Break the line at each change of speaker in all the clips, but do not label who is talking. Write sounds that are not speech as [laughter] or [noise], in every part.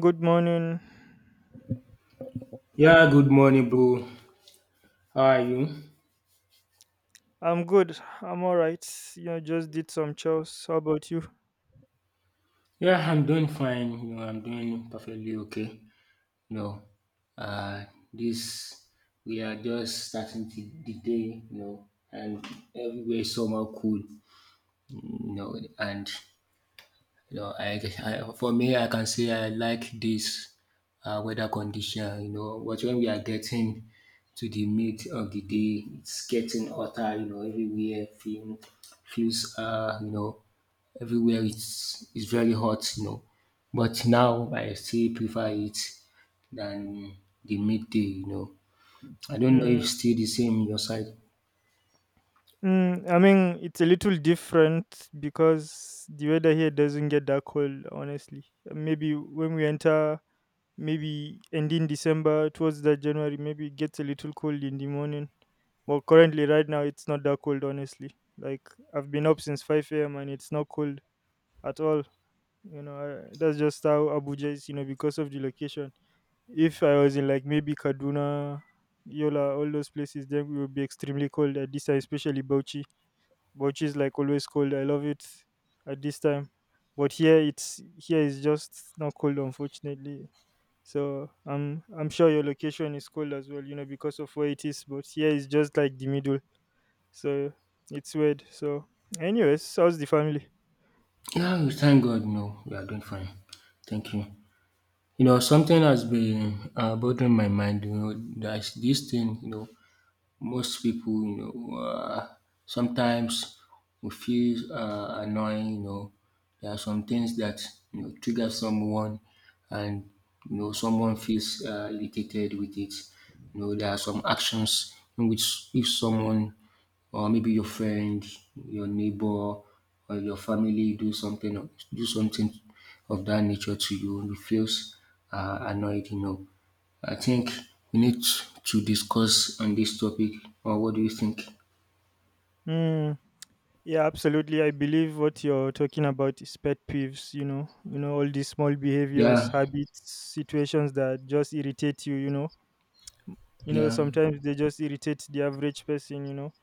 Good morning.
Yeah, good morning, bro. How are you?
I'm good. I'm all right. Just did some chores. How about you?
Yeah, I'm doing fine. You know, I'm doing perfectly okay. You know, uh, this we are just starting the day. You know, and everywhere is somehow cool. You know, and you know, I for me, I can say I like this weather condition. You know, but when we are getting to the mid of the day, it's getting hotter. You know, feels everywhere it's very hot, you know. But now I still prefer it than the midday, you know. I don't know if
Mm.
it's still the same in your side.
Mm, I mean, it's a little different because the weather here doesn't get that cold, honestly. Maybe when we enter, maybe ending December towards the January, maybe it gets a little cold in the morning. But currently, right now, it's not that cold, honestly. Like, I've been up since 5 a.m. and it's not cold at all. You know, that's just how Abuja is, you know, because of the location. If I was in like maybe Kaduna, Yola, all those places, then we would be extremely cold at this time, especially Bauchi. Bauchi is like always cold. I love it at this time. But here is just not cold, unfortunately. So I'm sure your location is cold as well, you know, because of where it is. But here it's just like the middle. So it's weird. So anyways, how's the family?
Yeah, we thank God, you know, we are doing fine. Thank you. You know, something has been bothering my mind, you know, there's this thing, you know, most people, sometimes we feel annoying, you know. There are some things that, you know, trigger someone and, you know, someone feels irritated with it. You know, there are some actions in which if someone or maybe your friend, your neighbor, or your family do something of that nature to you, you feels annoyed. You know, I think we need to discuss on this topic. Or what do you think?
Hmm. Yeah, absolutely. I believe what you're talking about is pet peeves, you know, all these small behaviors,
Yeah,
habits, situations that just irritate you, you know. You know,
yeah,
sometimes they just irritate the average person, you know.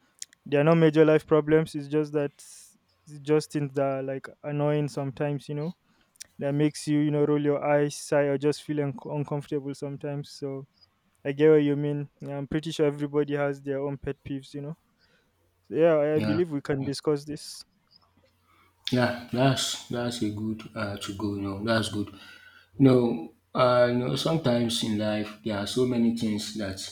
They are not major life problems, it's just that it's just things that are like annoying sometimes, you know, that makes you, you know, roll your eyes, sigh, or just feel uncomfortable sometimes. So I get what you mean. Yeah, I'm pretty sure everybody has their own pet peeves, you know. So, yeah, I
yeah.
believe we can discuss this.
Yeah, that's a good to go. You know, that's good. No, you know, sometimes in life there are so many things that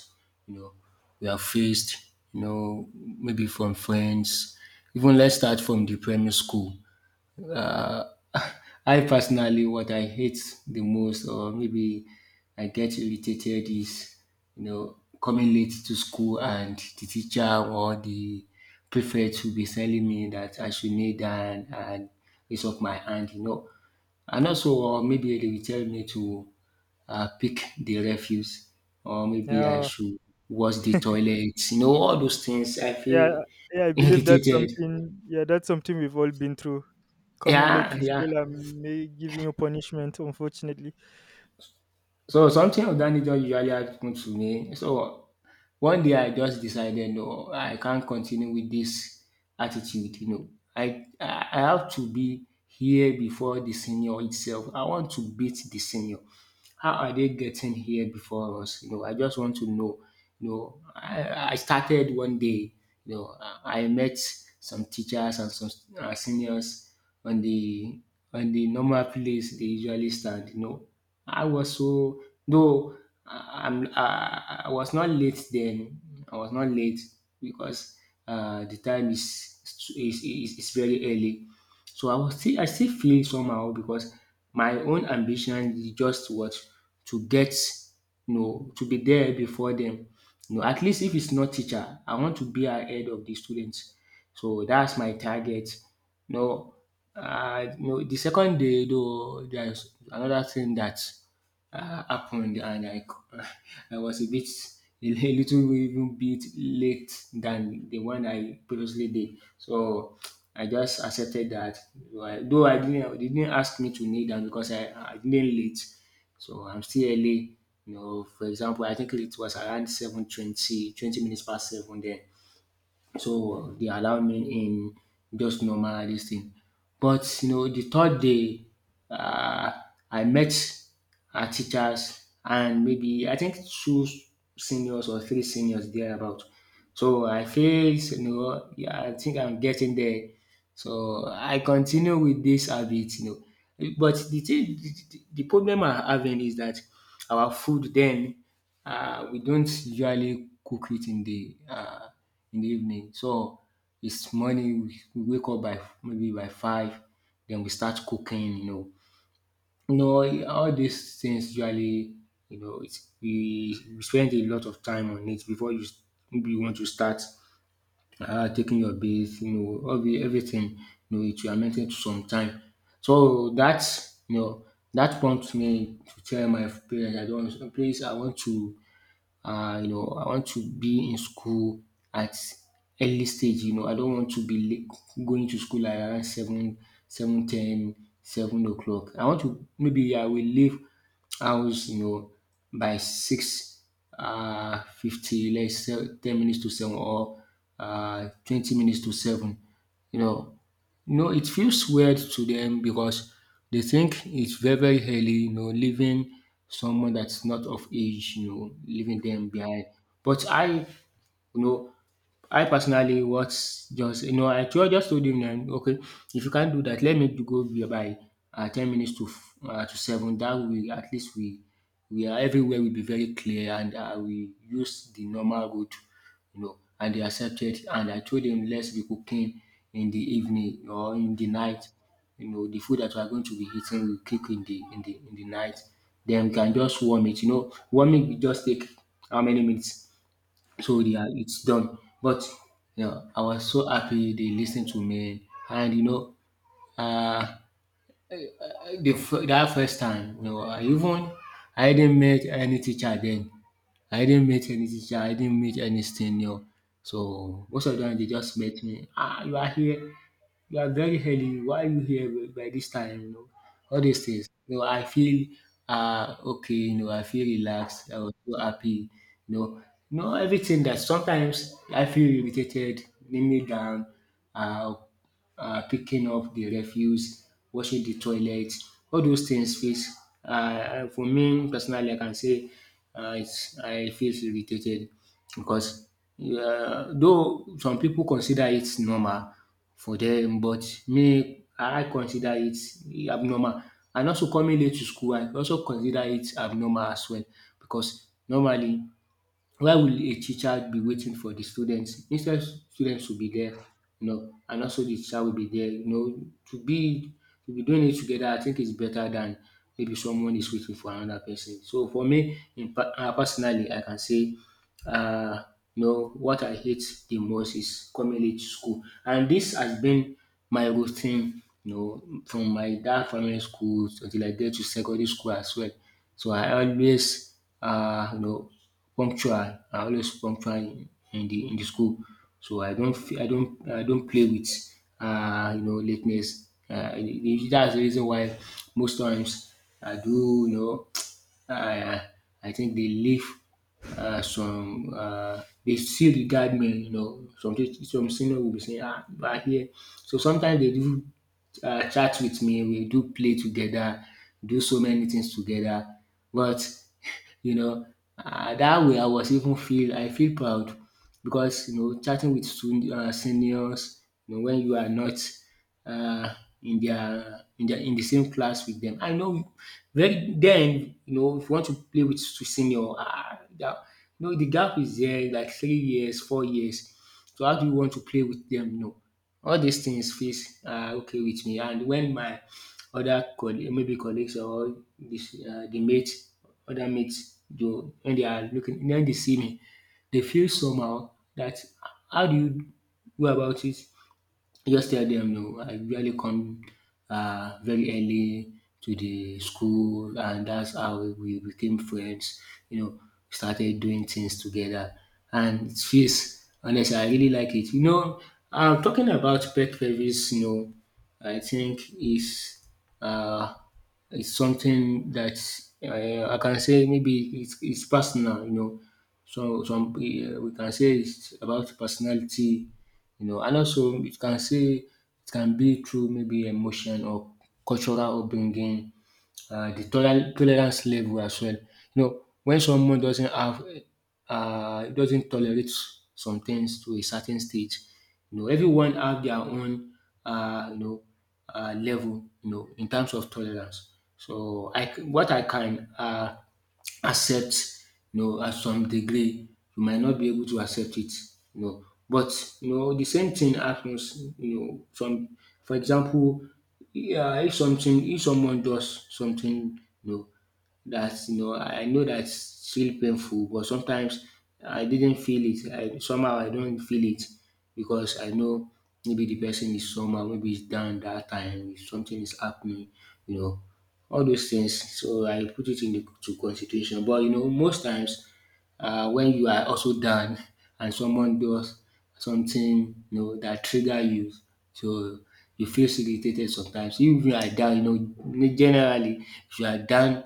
you know we have faced. You know, maybe from friends. Even let's start from the primary school. Uh, [laughs] I personally, what I hate the most, or maybe I get irritated, is you know coming late to school and the teacher or the prefect will be telling me that I should kneel down and raise up my hand, you know, and also or maybe they will tell me to pick the refuse, or maybe I
Yeah.
should wash the toilet, you know, all those things. I
Yeah,
feel
yeah, I believe that's
irritated.
something. Yeah, that's something we've all been through. Coming late
Yeah,
to
yeah.
school and may giving you punishment, unfortunately.
So something of that nature usually happens to me. So one day I just decided no, I can't continue with this attitude. You know, I have to be here before the senior itself. I want to beat the senior. How are they getting here before us? You know, I just want to know. You know, I started one day. You know, I met some teachers and some seniors on the normal place they usually stand. You know, I was so though I- I'm I was not late then. I was not late because the time is very early. So I still feel somehow because my own ambition is just what to get you know to be there before them. You know, at least if it's not teacher, I want to be ahead of the students. So that's my target. You know, you know the second day though there's another thing that happened and [laughs] I was a little even bit late than the one I previously did. So I just accepted that. Though I didn't they didn't ask me to kneel down because I didn't late. So I'm still early. You know, for example, I think it was around 7:20, 20 minutes past 7 then. So they allow me in just normal this thing. But you know the third day um I met our teachers and maybe I think two seniors or three seniors there about. So I face, you know, yeah, I think I'm getting there. So I continue with this habit, you know. But the thing, the problem I'm having is that our food then we don't usually cook it in the evening. So it's morning. We wake up by maybe by five, then we start cooking. You know all these things usually, you know, it's, we spend a lot of time on it before you maybe you want to start taking your base, you know, everything, you know, it will amount to some time. So that, you know, that prompts me to tell my parents, I don't, please, I want to I want to be in school at early stage, you know, I don't want to be late going to school like around 7, 7:10, 7 o'clock. I want to, maybe I will leave house, you know, by 6 50, let's say 10 minutes to 7 or 20 minutes to 7, you know, you know, it feels weird to them because they think it's very, very early, you know, leaving someone that's not of age, you know, leaving them behind. But I, you know, I personally was just you know just told him then okay if you can't do that let me do go be by 10 minutes to seven that way at least we are everywhere will be very clear and we use the normal route you know and they accepted and I told them let's be cooking in the evening or in the night you know the food that we are going to be eating we cook in the night then we can just warm it you know warming will just take how many minutes so yeah, it's done. But you know, I was so happy they listened to me, and uh, the that first time, you know, I even I didn't meet any teacher then. I didn't meet any teacher, I didn't meet any senior. So most of them they just met me. Ah, you are here. You are very early. Why are you here by this time? You know, all these things. You know, I feel ah okay. You know, I feel relaxed. I was so happy. You know, you know everything that sometimes I feel irritated, leave me down. Uh, picking up the refuse, washing the toilet. All those things feels for me personally, I can say I feel irritated because though some people consider it normal for them, but me I consider it abnormal. And also coming late to school, I also consider it abnormal as well because normally why will a teacher be waiting for the students? Instead students should be there, you know, and also the teacher will be there, you know. To be doing it together I think it's better than maybe someone is waiting for another person. So for me personally I can say uh, you know, what I hate the most is coming late to school. And this has been my routine, you know, from my dad primary school until I get to secondary school as well. So I always, you know, punctual. I always punctual in the school. So I don't, I don't, I don't play with, you know, lateness. That's the reason why most times I do, you know uh, I think they leave some they still regard me, you know. Some senior will be saying, ah, you are here. So sometimes they do chat with me, we do play together, do so many things together. But you know. Dat way I was even feel I feel proud because you know chatting with seniors you know when you are not uh, in the same class with them. I know very den you know if you want to play with senior dat you know de gap is there like 3 years, 4 years. So how do you want to play with them? You know all these things feels are okay with me and when my other colleague maybe colleagues or this the mate other mates do when they are looking wen they see me they feel somehow that how do you go about it I just tell dem no, I usually come very early to the school and that's how we became friends, you know, started doing things together and it feels honestly I really like it. You know, I'm talking about pet peeves, you know, I think uh is something that I can say maybe it's personal, you know. So some we can say it's about personality you know. And also it can say it can be through maybe emotion or cultural upbringing, the toler tolerance level as well. You know, when someone doesn't have doesn't tolerate some things to a certain stage, you know, everyone have their own uh, you know level, you know, in terms of tolerance. So what I can accept at some degree you might not be able to accept it. You know but you know The same thing happens, you know some for example, yeah, if something if someone does something, you know that you know I know that's still painful, but sometimes I didn't feel it I somehow I don't feel it because I know maybe the person is somehow, maybe it's down that time, something is happening, you know all those things. So I put it into to consideration. But you know, most times when you are also down [laughs] and someone does something, you know, that trigger you, so you feel irritated sometimes. Even if you are down, you know, generally if you are down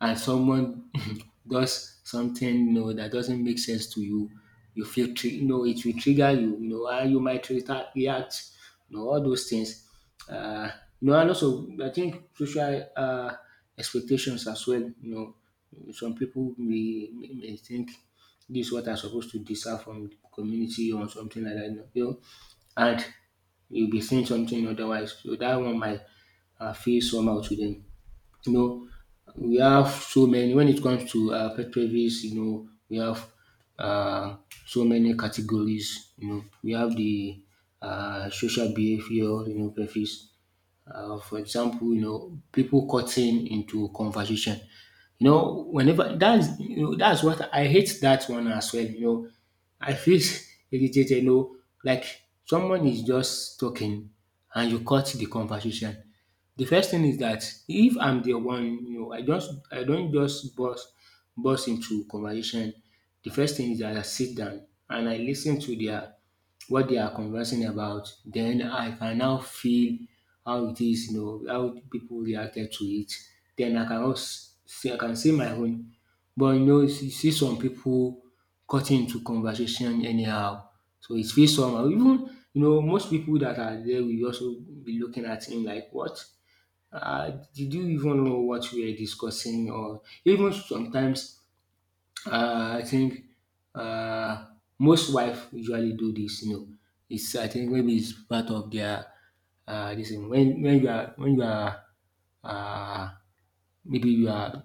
and someone [laughs] does something, you know, that doesn't make sense to you, you feel it will trigger you. You know, how you might react, you know, all those things. Uh, you know, and also I think social expectations as well. You know, some people may think this is what I'm supposed to deserve from the community or something like that. You know, and you'll be seeing something otherwise. So that one might feel somehow to them. You know, we have so many. When it comes to pet peeves, you know, we have uh, so many categories. You know, we have the social behavior, you know, pet peeves. For example, you know, people cutting into conversation. You know, whenever that's you know, that's what I hate, that one as well. You know, I feel [laughs] irritated. You know, like someone is just talking and you cut the conversation. The first thing is that if I'm the one, you know, I don't just burst into conversation. The first thing is that I sit down and I listen to their what they are conversing about. Then I can now feel how it is, you know, how people reacted to it. Then I can say my own. But you know, you see some people cutting into conversation anyhow. So it feels somehow. Even, you know, most people that are there will also be looking at him like what? Did you even know what we are discussing? Or even sometimes, I think uh, most wife usually do this. You know, it's I think maybe it's part of their this thing. When you are uh, maybe you are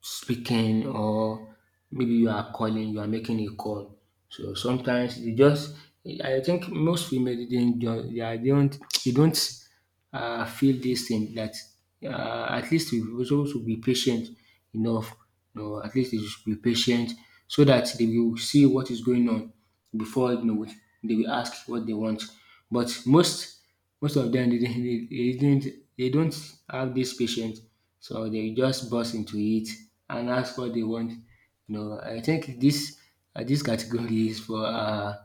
speaking, or maybe you are calling, you are making a call. So sometimes they just, I think most female they don't, they are- they don't, they don't feel this thing that at least we also to be patient enough. You know, at least they should be patient so that they will see what is going on before, you know, they will ask what they want. But most of them they, they didn't, they don't have this patience, so they just burst into it and ask what they want. You know, I think this this category is for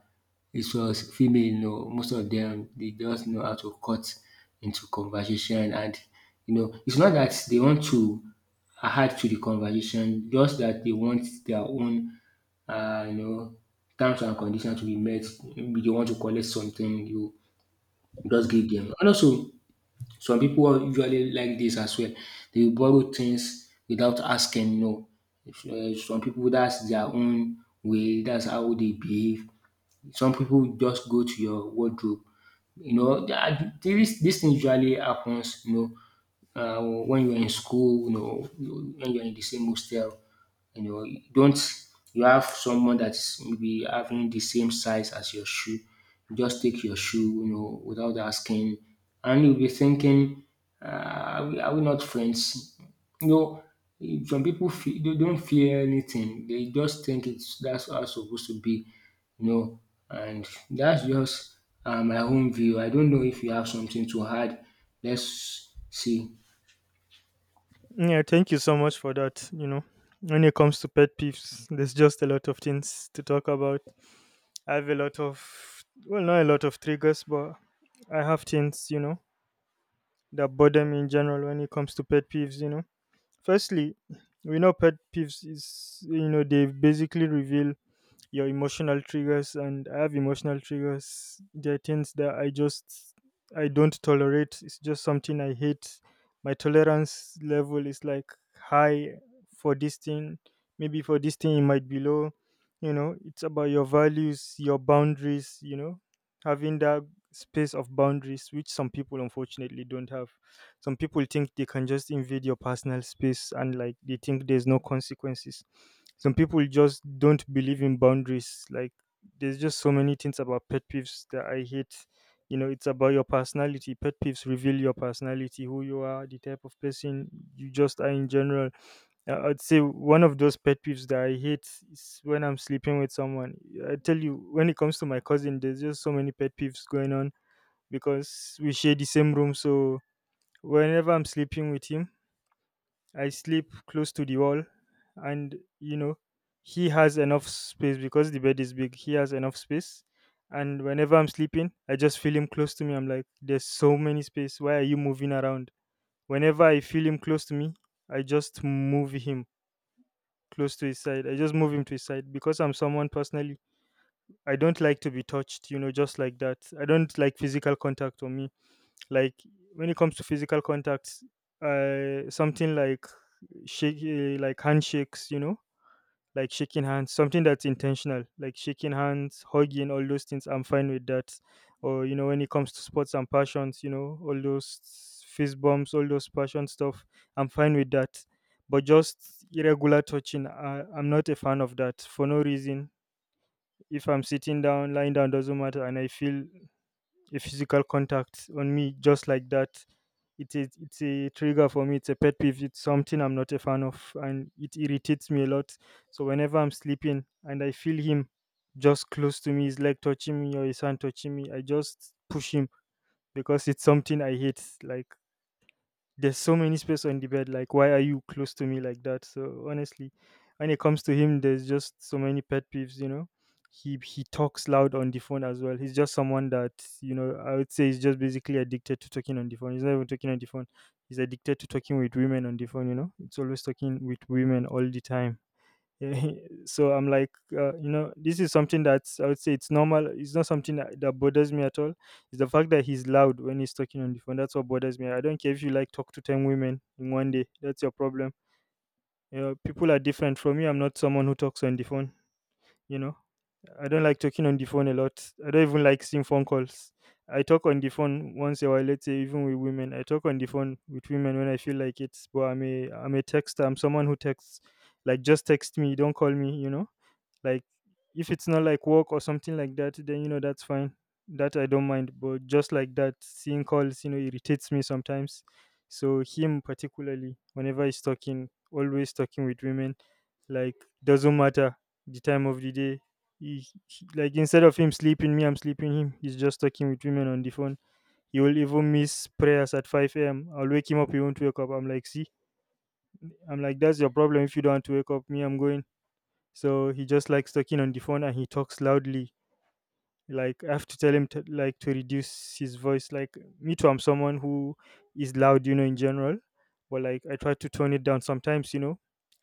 it was female, you know, most of them, they just know how to cut into conversation. And you know, it's not that they want to add to the conversation, just that they want their own, uh, you know, terms and conditions to be met. Maybe they want to collect something, you just give them. And also some people usually like this as well. They borrow things without asking, you know. If some people, that's their own way, that's how they behave. Some people just go to your wardrobe, you know. Dis this this thing usually happens, you know, when you're in school, you know, when you're in the same hostel, you know, you don't you have someone that's maybe having the same size as your shoe, you just take your shoe, you know, without asking. And you'll be thinking, are are we not friends? You know, some people feel, they don't feel anything. They just think it's that's how it's supposed to be, you know. And that's just my own view. I don't know if you have something to add. Let's see.
Yeah, thank you so much for that. You know, when it comes to pet peeves, there's just a lot of things to talk about. I have a lot of, well, not a lot of triggers, but I have things, you know, that bother me in general when it comes to pet peeves. You know, firstly, we know pet peeves is, you know, they basically reveal your emotional triggers, and I have emotional triggers. There are things that I don't tolerate. It's just something I hate. My tolerance level is like high for this thing. Maybe for this thing it might be low. You know, it's about your values, your boundaries, you know, having that space of boundaries which some people, unfortunately, don't have. Some people think they can just invade your personal space and like they think there's no consequences. Some people just don't believe in boundaries. Like, there's just so many things about pet peeves that I hate. You know, it's about your personality. Pet peeves reveal your personality, who you are, the type of person you just are in general. I'd say one of those pet peeves that I hate is when I'm sleeping with someone. I tell you, when it comes to my cousin, there's just so many pet peeves going on because we share the same room. So whenever I'm sleeping with him, I sleep close to the wall, and, you know, he has enough space because the bed is big. He has enough space, and whenever I'm sleeping, I just feel him close to me. I'm like, there's so many space. Why are you moving around? Whenever I feel him close to me, I just move him close to his side. I just move him to his side because I'm someone personally. I don't like to be touched, you know, just like that. I don't like physical contact on me. Like, when it comes to physical contacts, something like like handshakes, you know, like shaking hands, something that's intentional, like shaking hands, hugging, all those things. I'm fine with that. Or, you know, when it comes to sports and passions, you know, all those fist bumps, all those passion stuff, I'm fine with that. But just irregular touching, I'm not a fan of that. For no reason, if I'm sitting down, lying down, doesn't matter, and I feel a physical contact on me just like that, it's a trigger for me. It's a pet peeve. It's something I'm not a fan of, and it irritates me a lot. So whenever I'm sleeping and I feel him just close to me, his leg touching me or his hand touching me, I just push him because it's something I hate. Like, there's so many space on the bed. Like, why are you close to me like that? So honestly, when it comes to him, there's just so many pet peeves, you know. He talks loud on the phone as well. He's just someone that, you know, I would say is just basically addicted to talking on the phone. He's not even talking on the phone, he's addicted to talking with women on the phone. You know, it's always talking with women all the time. [laughs] so I'm like, you know, this is something that I would say it's normal. It's not something that bothers me at all. It's the fact that he's loud when he's talking on the phone. That's what bothers me. I don't care if you like talk to ten women in one day. That's your problem. You know, people are different. From me, I'm not someone who talks on the phone. You know, I don't like talking on the phone a lot. I don't even like seeing phone calls. I talk on the phone once a while. Let's say even with women, I talk on the phone with women when I feel like it. But I'm a texter. I'm someone who texts. Like, just text me. Don't call me. You know, like, if it's not like work or something like that, then you know that's fine. That I don't mind. But just like that, seeing calls, you know, irritates me sometimes. So him particularly, whenever he's talking, always talking with women, like, doesn't matter the time of the day. Like, instead of him sleeping me, I'm sleeping him. He's just talking with women on the phone. He will even miss prayers at 5 a.m. I'll wake him up. He won't wake up. I'm like, see, I'm like, that's your problem. If you don't want to wake up, me, I'm going. So he just likes talking on the phone and he talks loudly. Like, I have to tell him to like to reduce his voice. Like, me too, I'm someone who is loud, you know, in general. But like, I try to tone it down sometimes, you know.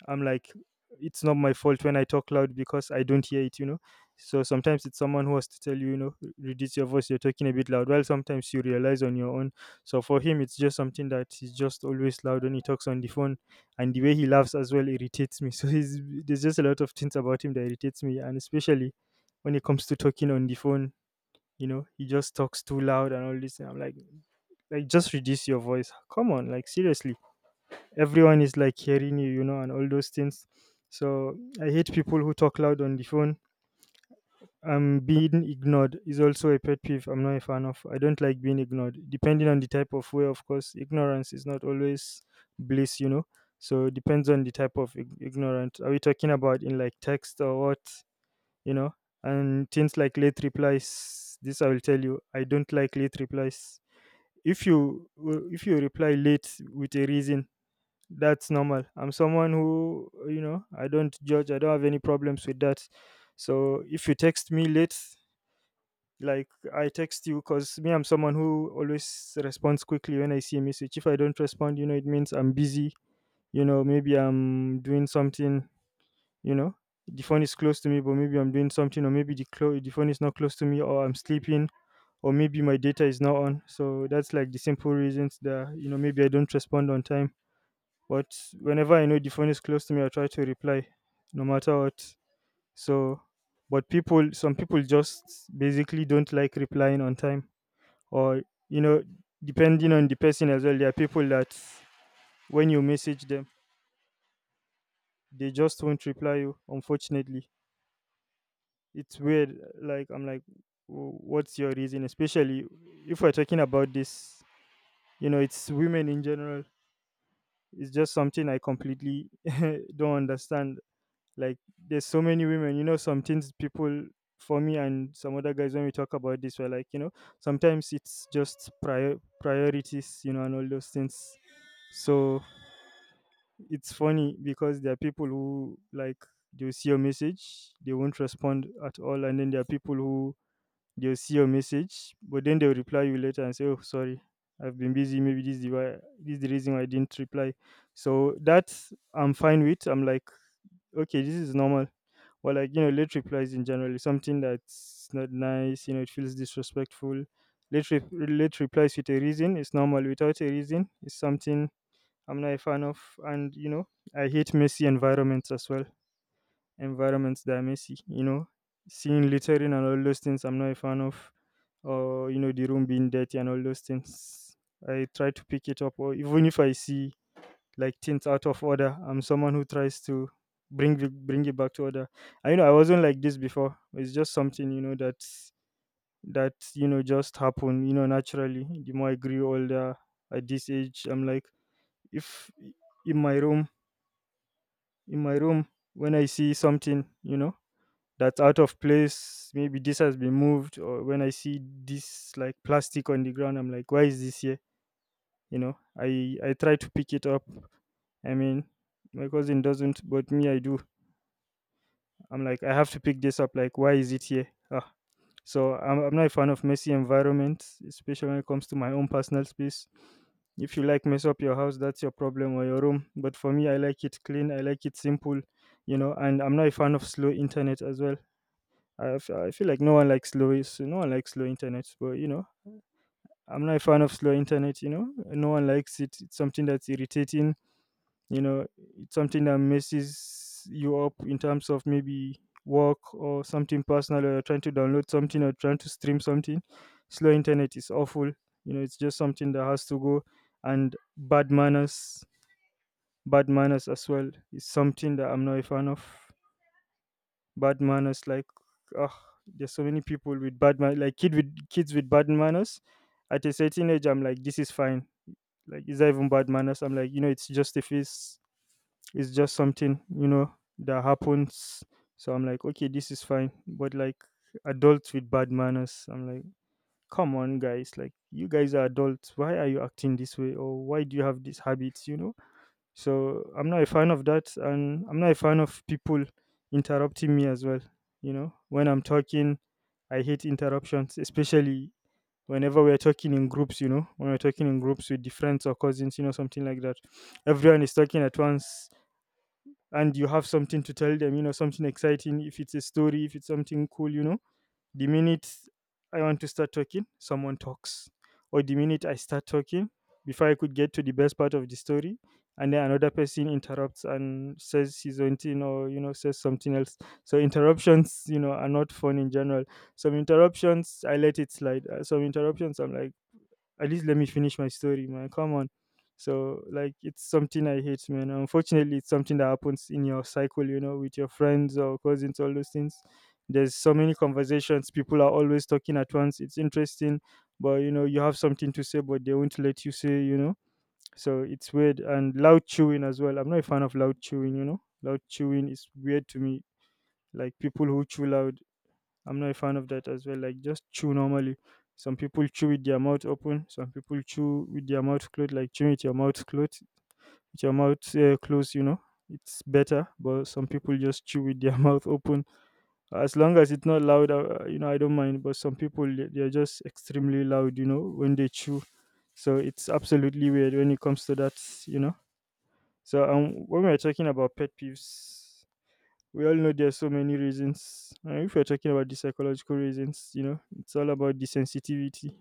I'm like, it's not my fault when I talk loud because I don't hear it, you know. So sometimes it's someone who has to tell you, you know, " Reduce your voice. You're talking a bit loud. Well, sometimes you realize on your own. So for him, it's just something that he's just always loud when he talks on the phone, and the way he laughs as well irritates me. [laughs] So he's, there's just a lot of things about him that irritates me, and especially when it comes to talking on the phone. You know, he just talks too loud and all this, and I'm like, just reduce your voice. Come on, like, seriously, everyone is like hearing you, you know, and all those things. So I hate people who talk loud on the phone. Being ignored is also a pet peeve I'm not a fan of. I don't like being ignored, depending on the type of way. Of course, ignorance is not always bliss, you know. So it depends on the type of ignorant. Are we talking about in like text or what, you know? And things like late replies, this I will tell you, I don't like late replies. if you if you reply late with a reason, that's normal. I'm someone who, you know, I don't judge. I don't have any problems with that. So if you text me late, like, I text you because me, I'm someone who always responds quickly. When I see a message, if I don't respond, you know, it means I'm busy. You know, maybe I'm doing something. You know, the phone is close to me, but maybe I'm doing something, or maybe the phone is not close to me, or I'm sleeping, or maybe my data is not on. So that's like the simple reasons that, you know, maybe I don't respond on time. But whenever I know the phone is close to me, I try to reply no matter what. So, but people, some people just basically don't like replying on time. Or, you know, depending on the person as well, there are people that when you message them, they just won't reply you, unfortunately. It's weird. Like, I'm like, " What's your reason? Especially if we're talking about This, you know, it's women in general. It's just something I completely [laughs] don't understand. Like there's so many women, some things people for me and some other guys when we talk about this, we're like, sometimes it's just priorities, and all those things. So it's funny because there are people who like they'll see your message, they won't respond at all, and then there are people who they'll see your message, but then they'll reply you later and say, "Oh, sorry, I've been busy. Maybe this is this is the reason why I didn't reply." So that I'm fine with. I'm like, okay, this is normal. Or like, you know, late replies in general is something that's not nice. You know, it feels disrespectful. Late replies with a reason is normal. Without a reason, it's something I'm not a fan of. And you know, I hate messy environments as well environments that are messy, you know, seeing littering and all those things I'm not a fan of, or, you know, the room being dirty and all those things. I try to pick it up, or even if I see like things out of order, I'm someone who tries to bring it back to order. I, you know, I wasn't like this before. It's just something, you know, that you know, just happened, you know, naturally. The more I grew older at this age, I'm like, if in my room in my room when I see something, you know, that's out of place. Maybe this has been moved, or when I see this like plastic on the ground, I'm like, why is this here? You know, I try to pick it up. I mean, my cousin doesn't, but me, I do. I'm like, I have to pick this up. Like, why is it here? Ah. So I'm not a fan of messy environments, especially when it comes to my own personal space. If you like mess up your house, that's your problem, or your room. But for me, I like it clean. I like it simple, you know. And I'm not a fan of slow internet as well. I feel like no one likes no one likes slow internet, but you know, I'm not a fan of slow internet. You know, no one likes it. It's something that's irritating. You know, it's something that messes you up in terms of maybe work or something personal, or you're trying to download something or trying to stream something. Slow internet is awful. You know, it's just something that has to go, and bad manners as well, is something that I'm not a fan of. Bad manners. Like, ah, there's so many people with bad man, like kid with kids with bad manners. At a certain age, I'm like, this is fine. Like, is that even bad manners? I'm like, you know, it's just a phase. It's just something, you know, that happens. So I'm like, okay, this is fine. But like adults with bad manners, I'm like, come on, guys. Like, you guys are adults. Why are you acting this way? Or why do you have these habits? You know, so I'm not a fan of that, and I'm not a fan of people interrupting me as well. You know, when I'm talking, I hate interruptions, especially whenever we're talking in groups. You know, when we're talking in groups with the friends or cousins, you know, something like that. Everyone is talking at once, and you have something to tell them. You know, something exciting. If it's a story, if it's something cool, you know, the minute I want to start talking, someone talks. Or the minute I start talking, before I could get to the best part of the story, and then another person interrupts and says his own thing or, you know, says something else. So interruptions, you know, are not fun in general. Some interruptions, I let it slide. Some interruptions, I'm like, at least let me finish my story, man. Come on. So like it's something I hate, man. Unfortunately, it's something that happens in your cycle, you know, with your friends or cousins, all those things. There's so many conversations. People are always talking at once. It's interesting, but you know, you have something to say, but they won't let you say, you know. So it's weird, and loud chewing as well. I'm not a fan of loud chewing, you know. Loud chewing is weird to me. Like people who chew loud, I'm not a fan of that as well. Like just chew normally. Some people chew with their mouth open. Some people chew with their mouth closed. Like chew with your mouth closed. With your mouth closed, you know, it's better. But some people just chew with their [laughs] mouth open. As long as it's not loud, you know, I don't mind. But some people they're just extremely loud, you know, when they chew. So it's absolutely weird when it comes to that, you know. So when we're talking about pet peeves, we all know there's so many reasons. And if we're talking about the psychological reasons, you know, it's all about the sensitivity.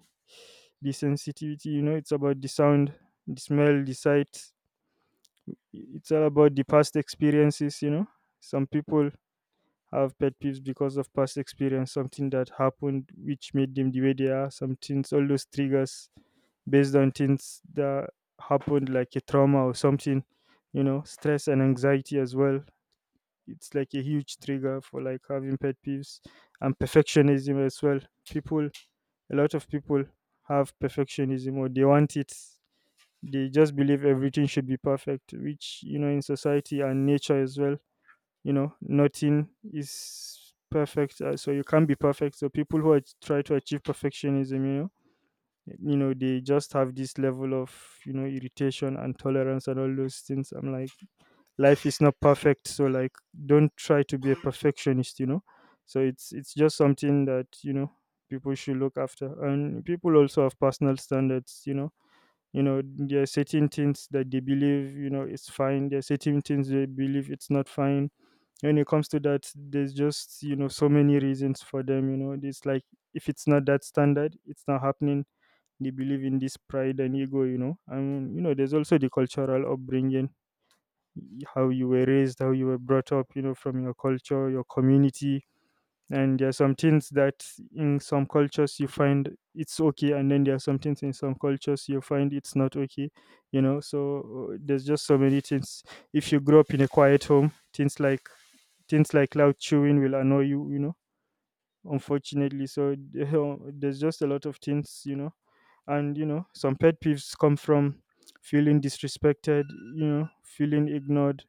The sensitivity, you know, it's about the sound, the smell, the sight. It's all about the past experiences, you know. Some people have pet peeves because of past experience, something that happened which made them the way they are, some things, all those triggers based on things that happened like a trauma or something, you know. Stress and anxiety as well, it's like a huge trigger for like having pet peeves. And perfectionism as well, people a lot of people have perfectionism, or they want it. They just believe everything should be perfect, which, you know, in society and nature as well, you know, nothing is perfect. So you can't be perfect. So people who are, try to achieve perfectionism, you know, you know, they just have this level of, you know, irritation and tolerance and all those things. I'm like, life is not perfect, so like don't try to be a perfectionist, you know. So it's just something that, you know, people should look after. And people also have personal standards, you know. You know, there are certain things that they believe, you know, it's fine. There are certain things they believe it's not fine. When it comes to that, there's just, you know, so many reasons for them, you know. It's like, if it's not that standard, it's not happening. They believe in this pride and ego, you know. I mean, you know, there's also the cultural upbringing. How you were raised, how you were brought up, you know, from your culture, your community. And there are some things that in some cultures you find it's okay, and then there are some things in some cultures you find it's not okay, you know. So there's just so many things. If you grow up in a quiet home, things like loud chewing will annoy you, you know, unfortunately. So [laughs] there's just a lot of things, you know. And you know, some pet peeves come from feeling disrespected, you know, feeling ignored,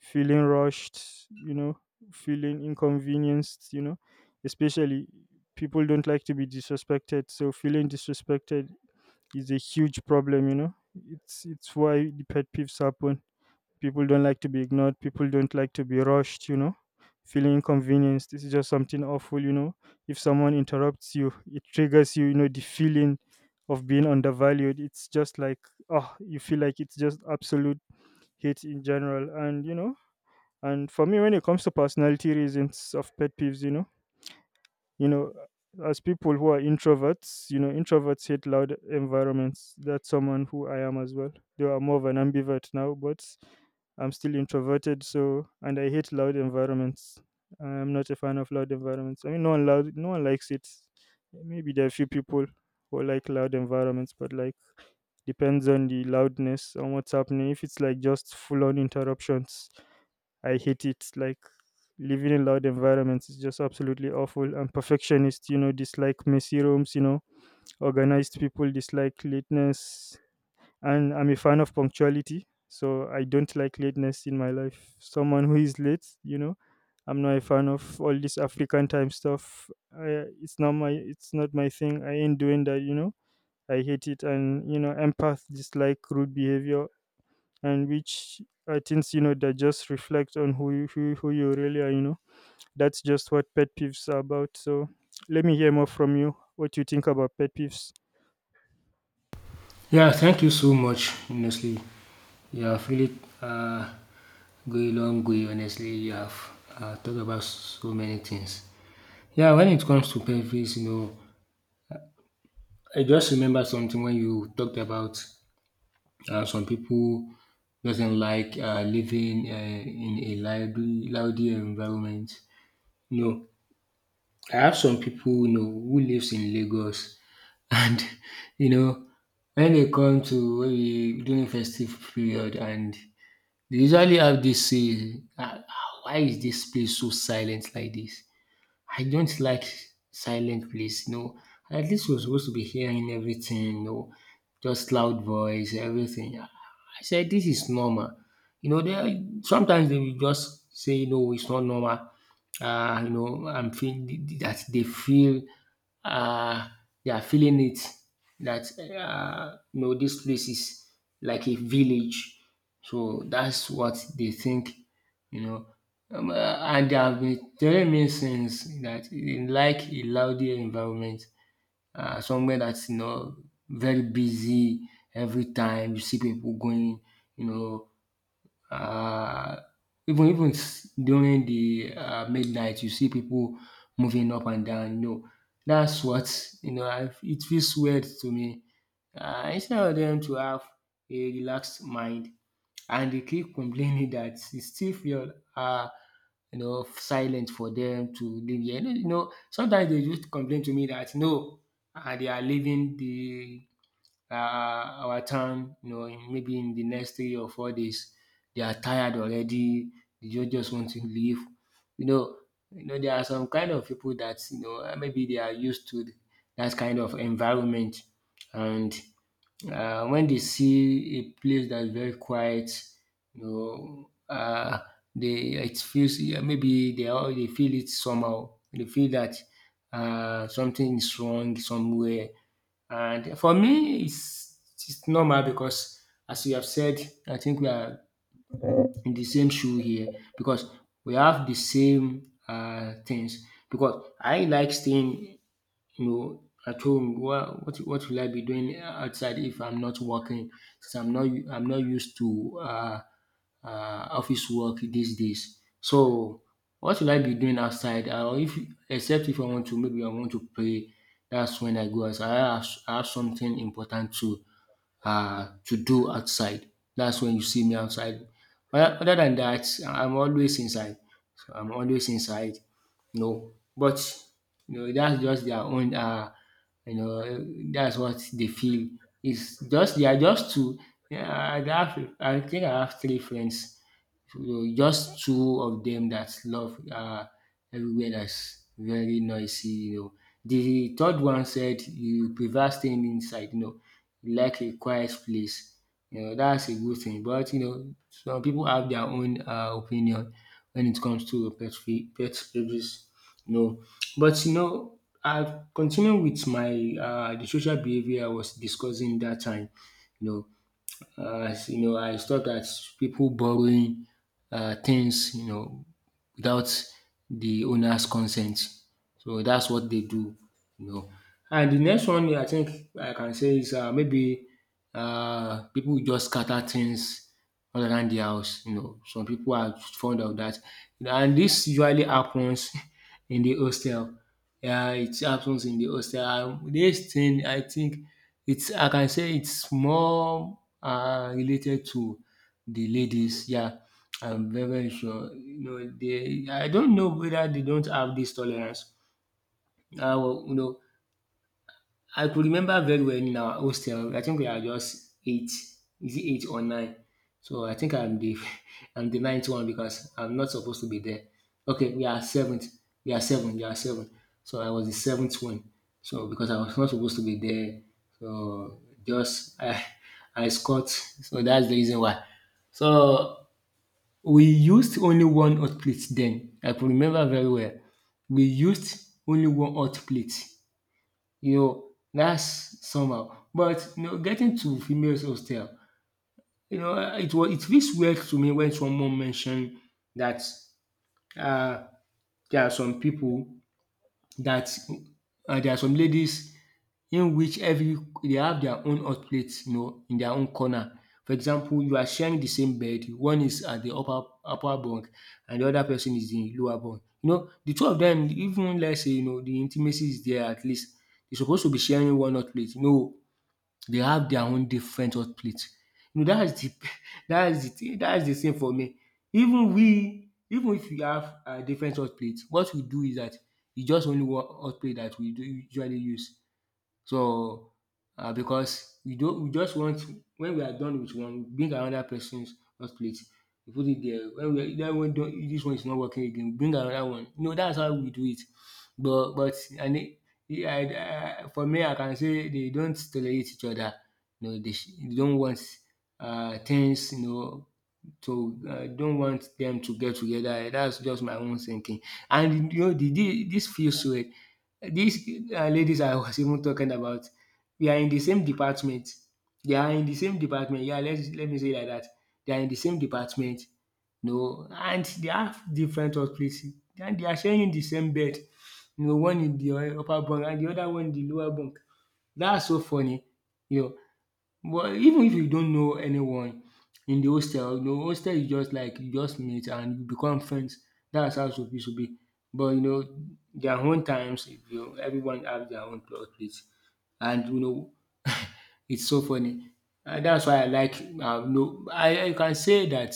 feeling rushed, you know, feeling inconvenienced, you know, especially, people don't like to be disrespected. So feeling disrespected is a huge problem, you know. It's why the pet peeves happen. People don't like to be ignored, people don't like to be rushed, you know. Feeling inconvenienced. This is just something awful, you know. If someone interrupts you, it triggers you, you know, the feeling of being undervalued. It's just like, oh, you feel like it's just absolute hate in general. And you know, and for me, when it comes to personality reasons of pet peeves, you know, you know, as people who are introverts, you know, introverts hate loud environments. That's someone who I am as well. Though I'm more of an ambivert now, but I'm still introverted. So, and I hate loud environments. I'm not a fan of loud environments. I mean, no one likes it. Maybe there are few people who like loud environments, but like depends on the loudness and what's happening. If it's like just full on interruptions, I hate it. Like living in loud environments is just absolutely awful. And perfectionists, you know, dislike messy rooms, you know, organized people dislike lateness. And I'm a fan of punctuality. So I don't like lateness in my life. Someone who is late, you know, I'm not a fan of all this African time stuff. It's not my thing. I ain't doing that, you know. I hate it, and you know, empath dislike rude behavior and which I think you know that just reflect on who you really are. You know, that's just what pet peeves are about. So let me hear more from you. What you think about pet peeves?
Yeah, thank you so much. Honestly, you have really uh, going long way. Honestly, you have talked about so many things. Yeah, when it comes to pet peeves, you know, I just remember something when you talked about some people doesn't like living in a loud environment. You know, I have some people, you know, who lives in Lagos, and [laughs] you know, when they come to when we, during festive period, and they usually have this say, "Ah, ah, why is this place so silent like this? I don't like silent place. No, at least we're supposed to be hearing everything. No, just loud voice, everything." I said this is normal. You know, they sometimes they will just say no, it's not normal. You know, I'm feeling that they feel uh, they are feeling it that you know this place is like a village, so that's what they think, you know. And there have been telling me since that they like a louder environment, somewhere that's, you know, very busy every time. You see people going, you know, uh, during the midnight, you see people moving up and down. You know, that's what you know. I, it feels weird to me. Instead of them to have a relaxed mind, and they keep complaining that it still feel you know silent for them to live here. You know, sometimes they just complain to me that no, they are living the uh, our town, you know, maybe in the next 3 or 4 days, they are tired already. They just want to leave. You know, you know, there are some kind of people that, you know, maybe they are used to that kind of environment. And when they see a place that is very quiet, you know, they it feels, yeah, maybe they feel it somehow. They feel that something is wrong somewhere. And for me, it's normal because, as you have said, I think we are in the same shoe here because we have the same things. Because I like staying, you know, at home. What will I be doing outside if I'm not working? Since I'm not I'm not used to office work these days. So what will I be doing outside? If, except if I want to, maybe I want to pray. That's when I go outside. I have something important to do outside. That's when you see me outside. Other than that, I'm always inside. So I'm always inside. No, but you know that's just their own. You know, that's what they feel. It's just they are just two. Yeah, I have. I think I have three friends. So just two of them that love everywhere that's very noisy. You know, the third one said you prefer staying inside. You know, like a quiet place. You know, that's a good thing. But you know, some people have their own opinion when it comes to pet peeves. You know, but you know, I continue with my the social behavior I was discussing that time. You know, as you know, I thought that people borrowing things, you know, without the owner's consent. So that's what they do, you know. And the next one I think I can say is, um, maybe pipu just scatter things all around the house, you know. Some people are fond of that, and this usually happens [laughs] in the hostel. Yeah, it happens in the hostel, and dis thing, I think it's I can say it's more, um, related to the ladies, yeah, I'm very, very sure. You know, they I don't know whether they don't have this tolerance. I will, you know, I could remember very well in our hostel. I think we are just eight, is it eight or nine? So I think I'm the [laughs] I'm the ninth one because I'm not supposed to be there. Okay, we are seventh. We are seven. So I was the seventh one. So because I was not supposed to be there. So just [laughs] I scored. So that's the reason why. So we used only one hot plate then. I could remember very well. We used only one hot plate. You know, that's somehow. But you know, getting to females hostel, you know, it was it feels weird to me when someone mentioned that uh, there are some people that there are some ladies in which every they have their own hot plate, you know, in their own corner. For example, you are sharing the same bed. One is at the upper bunk and the other person is in lower bunk. You know, the two of them, even let's say, you know, the intimacy is there at least. They're supposed to be sharing one hot plate. No, they have their own different hot plate. You know, that's the [laughs] that's the thing, that's the same for me. Even we, even if we have a different hot plate, what we do is that it's just only one hot plate that we do usually use. So, because we don't we just want to, when we are done with one, we bring another person's hot plate, we put it there. When we that one don't, this one is not working again, we bring another one. You know that's how we do it. But and it I for me I can say they don't tolerate each other. You know they they don't want things you know to I don't want them to get together. That's just my own thinking. And you know this feels weird these ladies I was even talking about, we are in the same department. They are in the same department, yeah, let me say it like that. They are in the same department, no, and they have different workplaces and they are sharing the same bed. You know, one in the upper bunk and the other one in the lower bunk. That's so funny, you know. But even if you don't know anyone in the hostel, you know, hostel is just like you just meet and you become friends. That's how it's supposed to be. But you know, their own times, you know, everyone have their own plot twist, and you know, it's so funny. And that's why I like. No, I can say that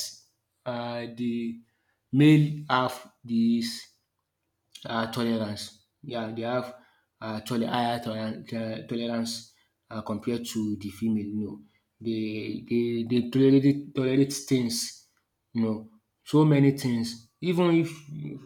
the male have this tolerance. Yeah, they have higher tolerance compared to the female. You know, they tolerate things. You know, so many things. Even if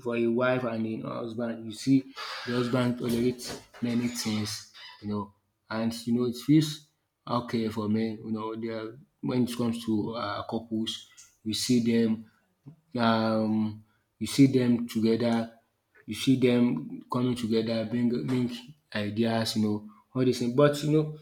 for a wife and a husband, you see the husband tolerates many things. You know, and you know it feels okay for men. You know, they are, when it comes to couples, we see them um you see them together, you see them coming together bring ideas you know all dis thing but you know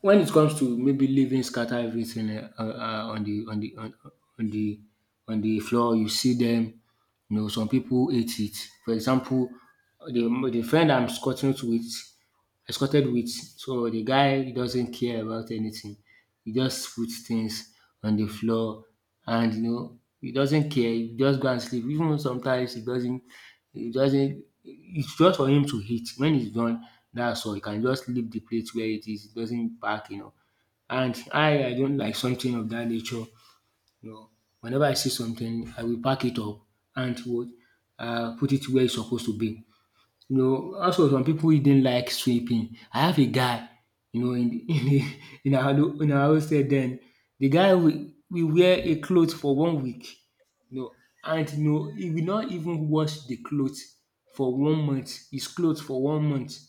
when it comes to maybe leaving scatter everything on the on the on the floor you see them. You know some people ate it. For example the friend I'm squatting with escorted with. So the guy doesn't care about anything. He just puts things on the floor and you know he doesn't care. He just go and sleep. Even sometimes he doesn't it's just for him to hit. When he's done, that's all. He can just leave the plate where it is. He doesn't pack, you know. And I don't like something of that nature. You know, whenever I see something, I will pack it up and would put it where it's supposed to be. You know, also some people who didn't like sweeping. I have a guy, you know, [laughs] in our in our hostel then. The guy we wear a clothes for one week, you know, and you know, he will not even wash the clothes for one month. His clothes for one month.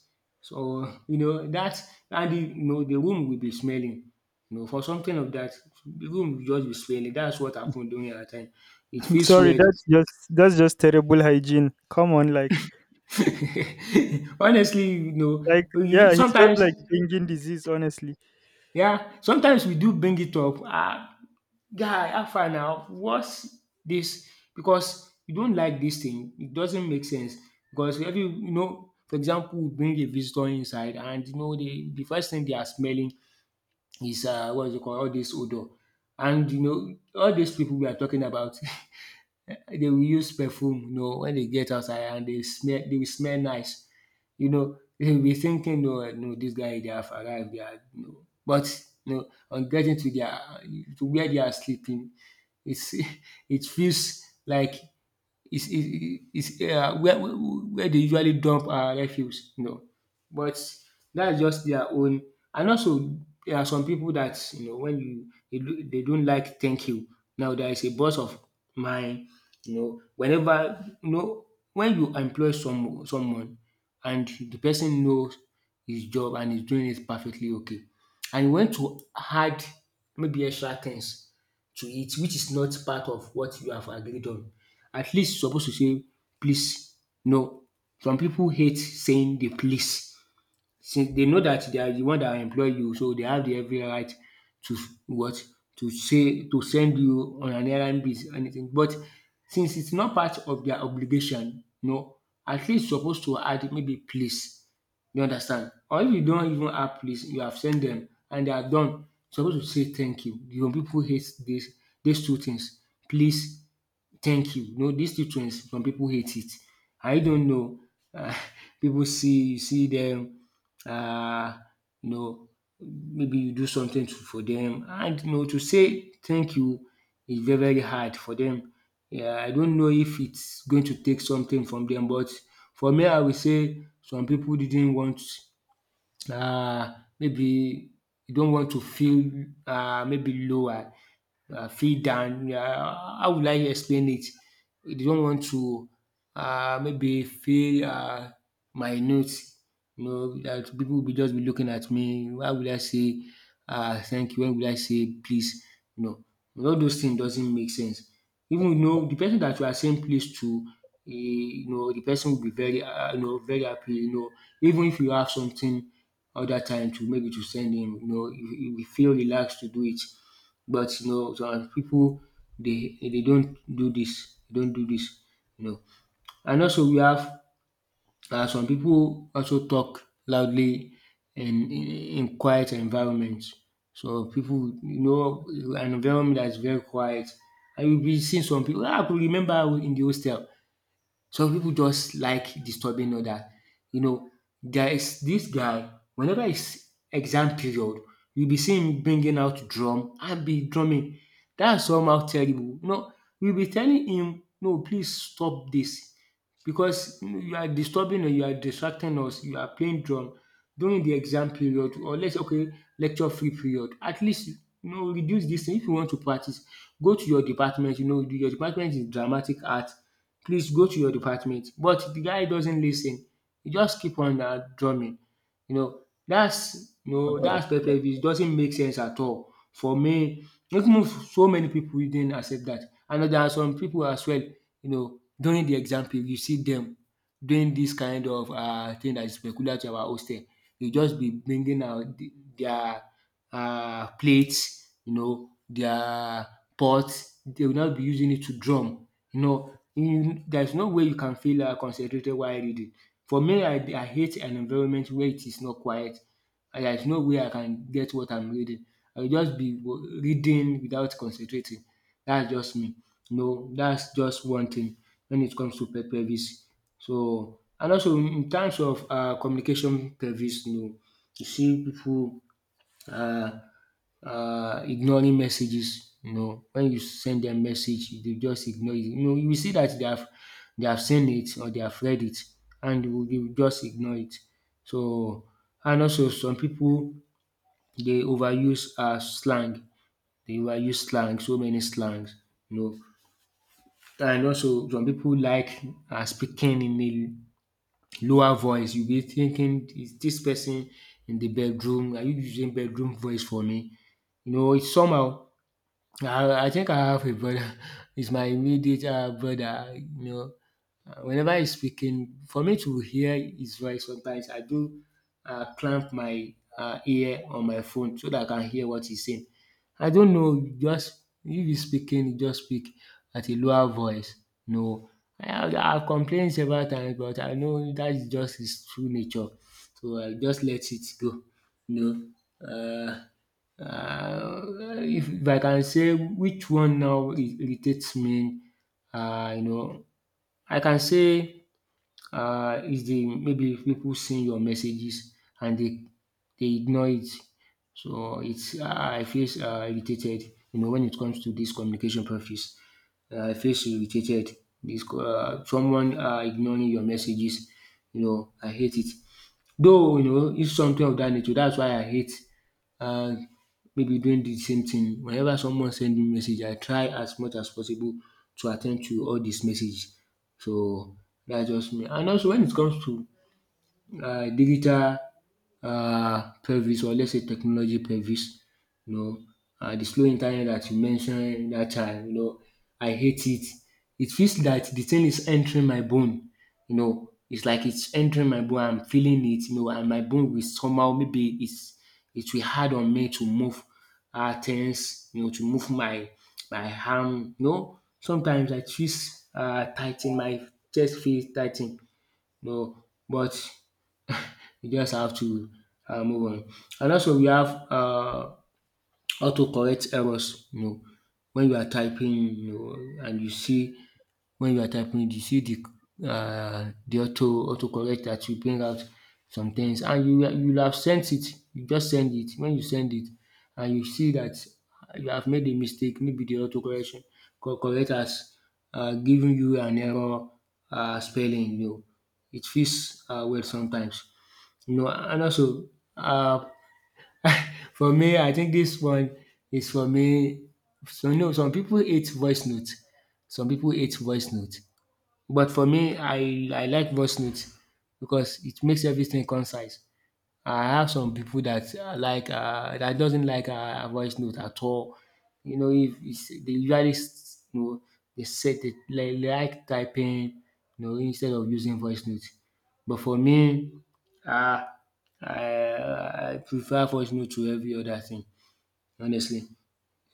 So you know that and the, you know the room will be smelling. You know, for something of that, the room will just be smelling. That's what happened during our time. It
[laughs]
feels
Sorry,
weird.
that's just terrible hygiene. Come on, like
[laughs] Honestly, you know,
like
you-
yeah, he's just
sometimes
like bringing disease. Honestly,
Yeah, sometimes we do bring it up. Ah, guy, how far now? What's this? Because you don't like this thing. It doesn't make sense. Because every you know, for example, we bring a visitor inside, and you know, the first thing they are smelling is what is it called? All this odor, and you know, all these people we are talking about. [laughs] Eh, they will use perfume you know when they get outside and they smell. They will smell nice. You know they will be thinking oh no this guy they have arrived they are you know but no on getting to their to where they are sleeping it's [laughs] it feels like is where they usually dump refuse, you know. But that's just their own. And also there are some people that you know when you they do dey don't like thank you. Now there is a boss of mine you know whenever you know when you employ someone and the person knows his job and is doing it perfectly okay and you want to add maybe extra things to it which is not part of what you have agreed on. At least you suppose to say please, no. Some people hate saying the please since they know that they are the one that employ you so they have the every right to s- what to say to send you on an errand bis anything but since it's not part of their obligation you know at least supposed to add maybe “please”, you understand, or if you don't even add “please”, you have sent them and they are done. Supposed to say “thank you”. You know, people hate this. These two things, “please”, thank you. No, this childrens some people hate it. I don't know. Uh, [laughs] People see you see them. um you know maybe you do something to, for them, and you know to say thank you is very very hard for them. Yeah, I don't know if it's going to take something from them. But for me I will say some people didn't want maybe you don't want to feel maybe lower, feel down. How will I explain it? They don't want to maybe feel my notes. You know that people will be just be looking at me. Why would I say thank you? When would I say please? You know, all those things doesn't make sense. Even you know the person that you are saying please to, eh, you know the person will be very you know very happy. You know even if you have something other time to maybe to send him. You know, you will feel relaxed to do it. But you know some people they don't do this. They don't do this, you know. And also we have some people also talk loudly in in in quiet environment. So people, you know an environment that is very quiet and you be seeing some people. Ah, I could remember in the hostel some people just like disturbing others. You know, there is this guy, whenever it's exam period, you'll be seeing him bringing out drum and be drumming. That's somehow terrible. No, we'll be telling him, no, please stop this because you are disturbing or you are distracting us. You are playing drum during the exam period or let's okay lecture free period. At least you know reduce this thing. If you want to practice, go to your department. You know your department is dramatic art, please go to your department. But the guy doesn't listen, ten. He just keep on drumming. You know you know that's pepper beef. It doesn't make sense at all. For me even if so many people didn't accept that, and there are some people as well you know during the exam period you see them doing this kind of thing that is peculiar to our hostel. They just be bringing out the their plates, you know their pots. They will not be using it to drum. You know there's no way you can feel concentrated while reading. For me I hate an environment where it is not quiet and there's no way I can get what I'm reading. I will just be reading without concentrating. That's just me. No, that's just one thing when it comes to pe privacy. So and also in terms of communication privacy no, you see people uh, ignoring messages. You know, when you send them message, they just ignore it. You know, you will see that they have seen it or they have read it, and they will just ignore it. So, and also some people they overuse slang. They overuse slang, so many slangs. You know, and also some people like speaking in a lower voice. You'll be thinking, is this person in the bedroom? Are you using bedroom voice for me? You know, it's somehow. I think I have a brother. [laughs] He's my immediate brother. You know. Whenever he's speaking, for me to hear his voice, sometimes I do clamp my ear on my phone so that I can hear what he's saying. I don't know. Just if he's speaking, he just speak at a lower voice. No, I've complained several times, but I know that's just his true nature. So I just let it go. You know. Uh, if I can say which one now irritates me, uh, you know, I can say is the maybe people seeing your messages and they ignore it. So it's I feel irritated, you know, when it comes to this communication practice. I feel irritated. Someone ignoring your messages, you know, I hate it. Though you know, it's something of that nature. That's why I hate uh, maybe doing the same thing. Whenever someone send me message, I try as much as possible to attend to all these messages. So that's just me. And also when it comes to digital pelvis, or let's say technology pelvis, you know, and de slow internet that you mentioned that time, you know, I hate it. It feels that the thing is entering my bone, you know, it's like it's entering my bone, I'm feeling it, you know, and my bone will somehow maybe it's it will hard on me to move things, you know, to move my arm, you know, sometimes I twist tigh my chest feels tigh. No, but you just have to move on. And also we have autocorrect errors, you know, when you are typing, you know, and you see when you are typing you see the autocorrect that will bring out some things and you would have sent it, you just send it. When you send it and you see that you have made a mistake, maybe the autocorrection correct has given you an error spelling, you know. It feels weird sometimes. You know, and also, uh, for me, I think this one is for me. So no, some people hate voice notes. Some people hate voice notes. But for me, I like voice notes because it makes everything concise. I have some people that are like that doesn't like voice note at all. You know, if it's, they usually you know they set it like typing, you know, instead of using voice note. But for me, uh, I prefer voice note to every other thing, honestly.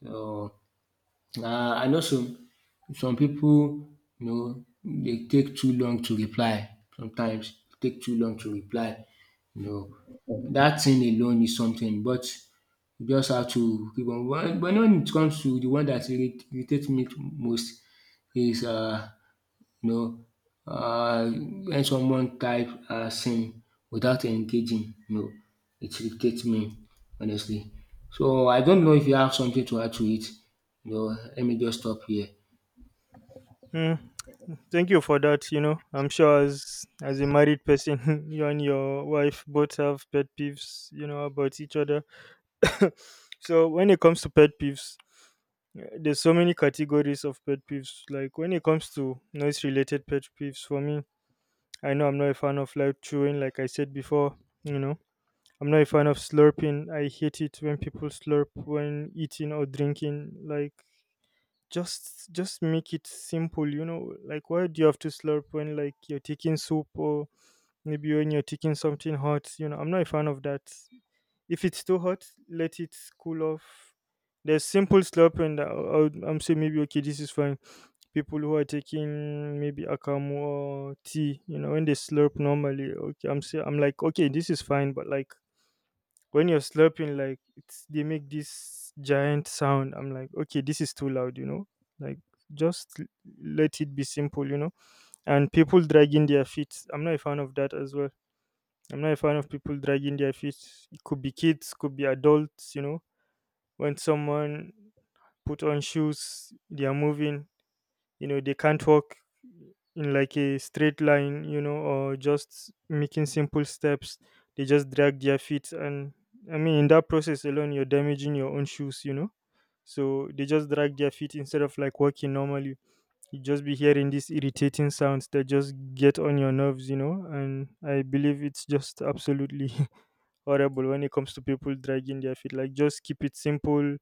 So and also some people, you know they take too long to reply, sometimes take too long to reply, you know. That thing alone is something, but you just have to keep on, but when it comes to the one dat irritates me most is you know when someone type send without engaging, you know, it irritates me honestly. So I don't know if you have something to add to it, you know, let me just stop here.
mm, thank you for that. You know, I'm sure as a married person, [laughs] you and your wife both have pet peeves. You know about each other. [laughs] So when it comes to pet peeves, there's so many categories of pet peeves. Like when it comes to noise related pet peeves for me, I know I'm not a fan of loud chewing, like I said before, you know. I'm not a fan of slurping. I hate it when people slurp when eating or drinking. Like just make it simple, you know. Like why do you have to slurp when like you're taking soup or maybe when you're taking something hot? You know, I'm not a fan of that. If it's too hot, let it cool off. There's simple slop, and I'm saying maybe okay, this is fine. People who are taking maybe akamu or tea, you know, when they slurp normally, okay, I'm like okay, this is fine, but like when you're slurping, like they make this giant sound. I'm like okay, this is too loud, you know, like just l- let it be simple, you know. And people dragging their feet, I'm not a fan of that as well. I'm not a fan of people dragging their feet. It could be kids, could be adults, you know, when someone put on shoes they are moving, you know, they can't walk in like a straight line, you know, or just making simple steps. They just drag their feet, and I mean in that process alone you're damaging your own shoes, you know. So they just drag their feet instead of like walking normally. You just be hearing these irritating sounds that just get on your nerves, you know, and I believe it's just absolutely [laughs] horrible when it comes to people dragging their feet. Like just keep it simple,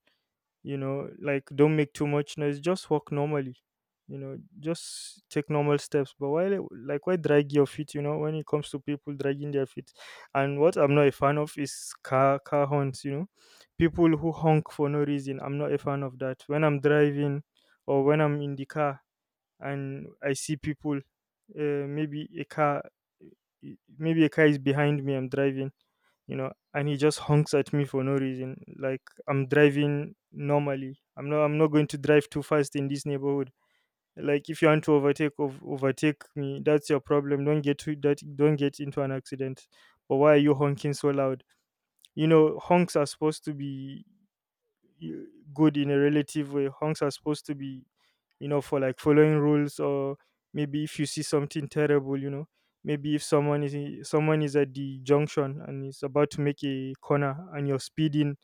you know. Like don't make too much noise, just walk normally, you know. Just take normal steps, but like why drag your feet, you know, when it comes to people dragging their feet. And what I'm not a fan of is car horns, you know. People who honk for no reason, I'm not a fan of that. When I'm driving or when I'm in the car, and I see people, maybe a car, maybe a car is behind me. I'm driving, you know, and he just honks at me for no reason. Like I'm driving normally. I'm not going to drive too fast in this neighborhood. Like if you want to overtake, overtake me. That's your problem. Don't get to that. Don't get into an accident. But why are you honking so loud? You know, honks are supposed to be y- good in a relative way. Hunks are supposed to be, you know, for like following rules, or maybe if you see something terrible, you know, maybe if someone is at the junction and is about to make a corner and you're speeding,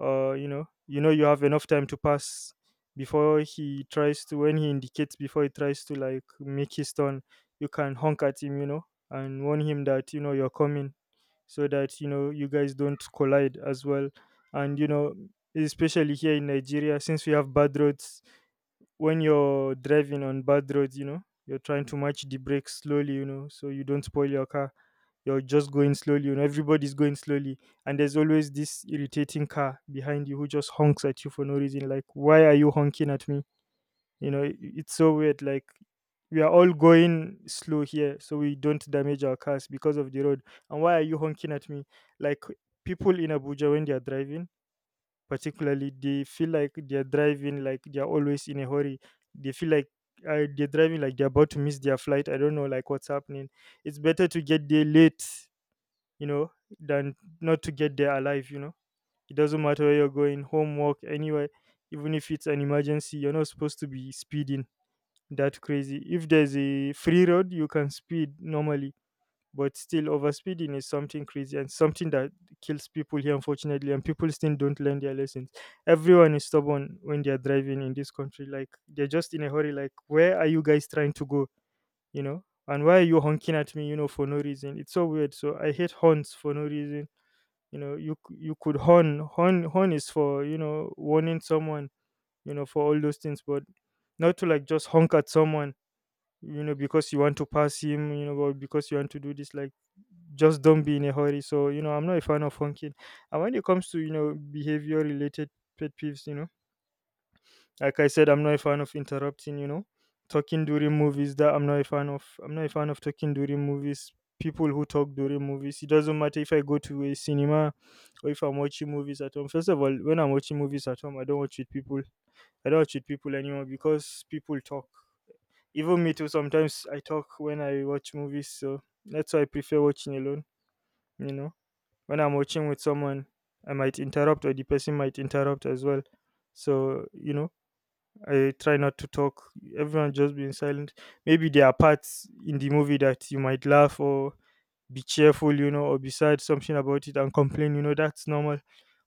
you know, you know you have enough time to pass before he tries to when he indicates before he tries to like make his turn, you can honk at him, you know, and warn him that you know you're coming, so that you know you guys don't collide as well. And you know, especially here in Nigeria, since we have bad roads, when you're driving on bad roads, you know you're trying to match the brakes slowly, you know, so you don't spoil your car. You're just going slowly, you know, everybody's going slowly. And there's always this irritating car behind you who just honks at you for no reason. Like why are you honking at me? You know, it's so weird. Like we are all going slow here so we don't damage our cars because of the road, and why are you honking at me? Like people in Abuja, when they are driving particularly, they feel like they are driving like they are always in a hurry. They feel like, they're driving like they're about to miss their flight. I don't know, like what's happening. It's better to get there late, you know, than not to get there alive, you know. It doesn't matter where you're going, homework anywhere. Even if it's an emergency, you're not supposed to be speeding that crazy. If there's a free road, you can speed normally, but still overspeeding is something crazy and something that kills people here, unfortunately. And people still don't learn their lessons. Everyone is stubborn when they are driving in this country. Like they're just in a hurry. Like where are you guys trying to go? You know, and why are you honking at me? You know, for no reason. It's so weird. So I hate horns for no reason. You know, you could horn, horn is for you know warning someone. You know, for all those things. But not to like just honk at someone, you know, because you want to pass him, you know, or because you want to do this. Like just don't be in a hurry. So you know, I'm not a fan of honking. And when it comes to you know behavior related pet peeves, you know, like I said, I'm not a fan of interrupting, you know. Talking during movies, that I'm not a fan of. I'm not a fan of talking during movies. People who talk during movies, it doesn't matter if I go to a cinema or if I'm watching movies at home. First of all, when I'm watching movies at home, I don't watch with people. I don't watch with people anymore because people talk. Even me too, sometimes I talk when I watch movies, so that's why I prefer watching alone, you know. When I'm watching with someone, I might interrupt or the person might interrupt as well. So, you know, I try not to talk. Everyone just being silent. Maybe there are parts in the movie that you might laugh or be cheerful, you know, or be sad, something about it and complain, you know, that's normal.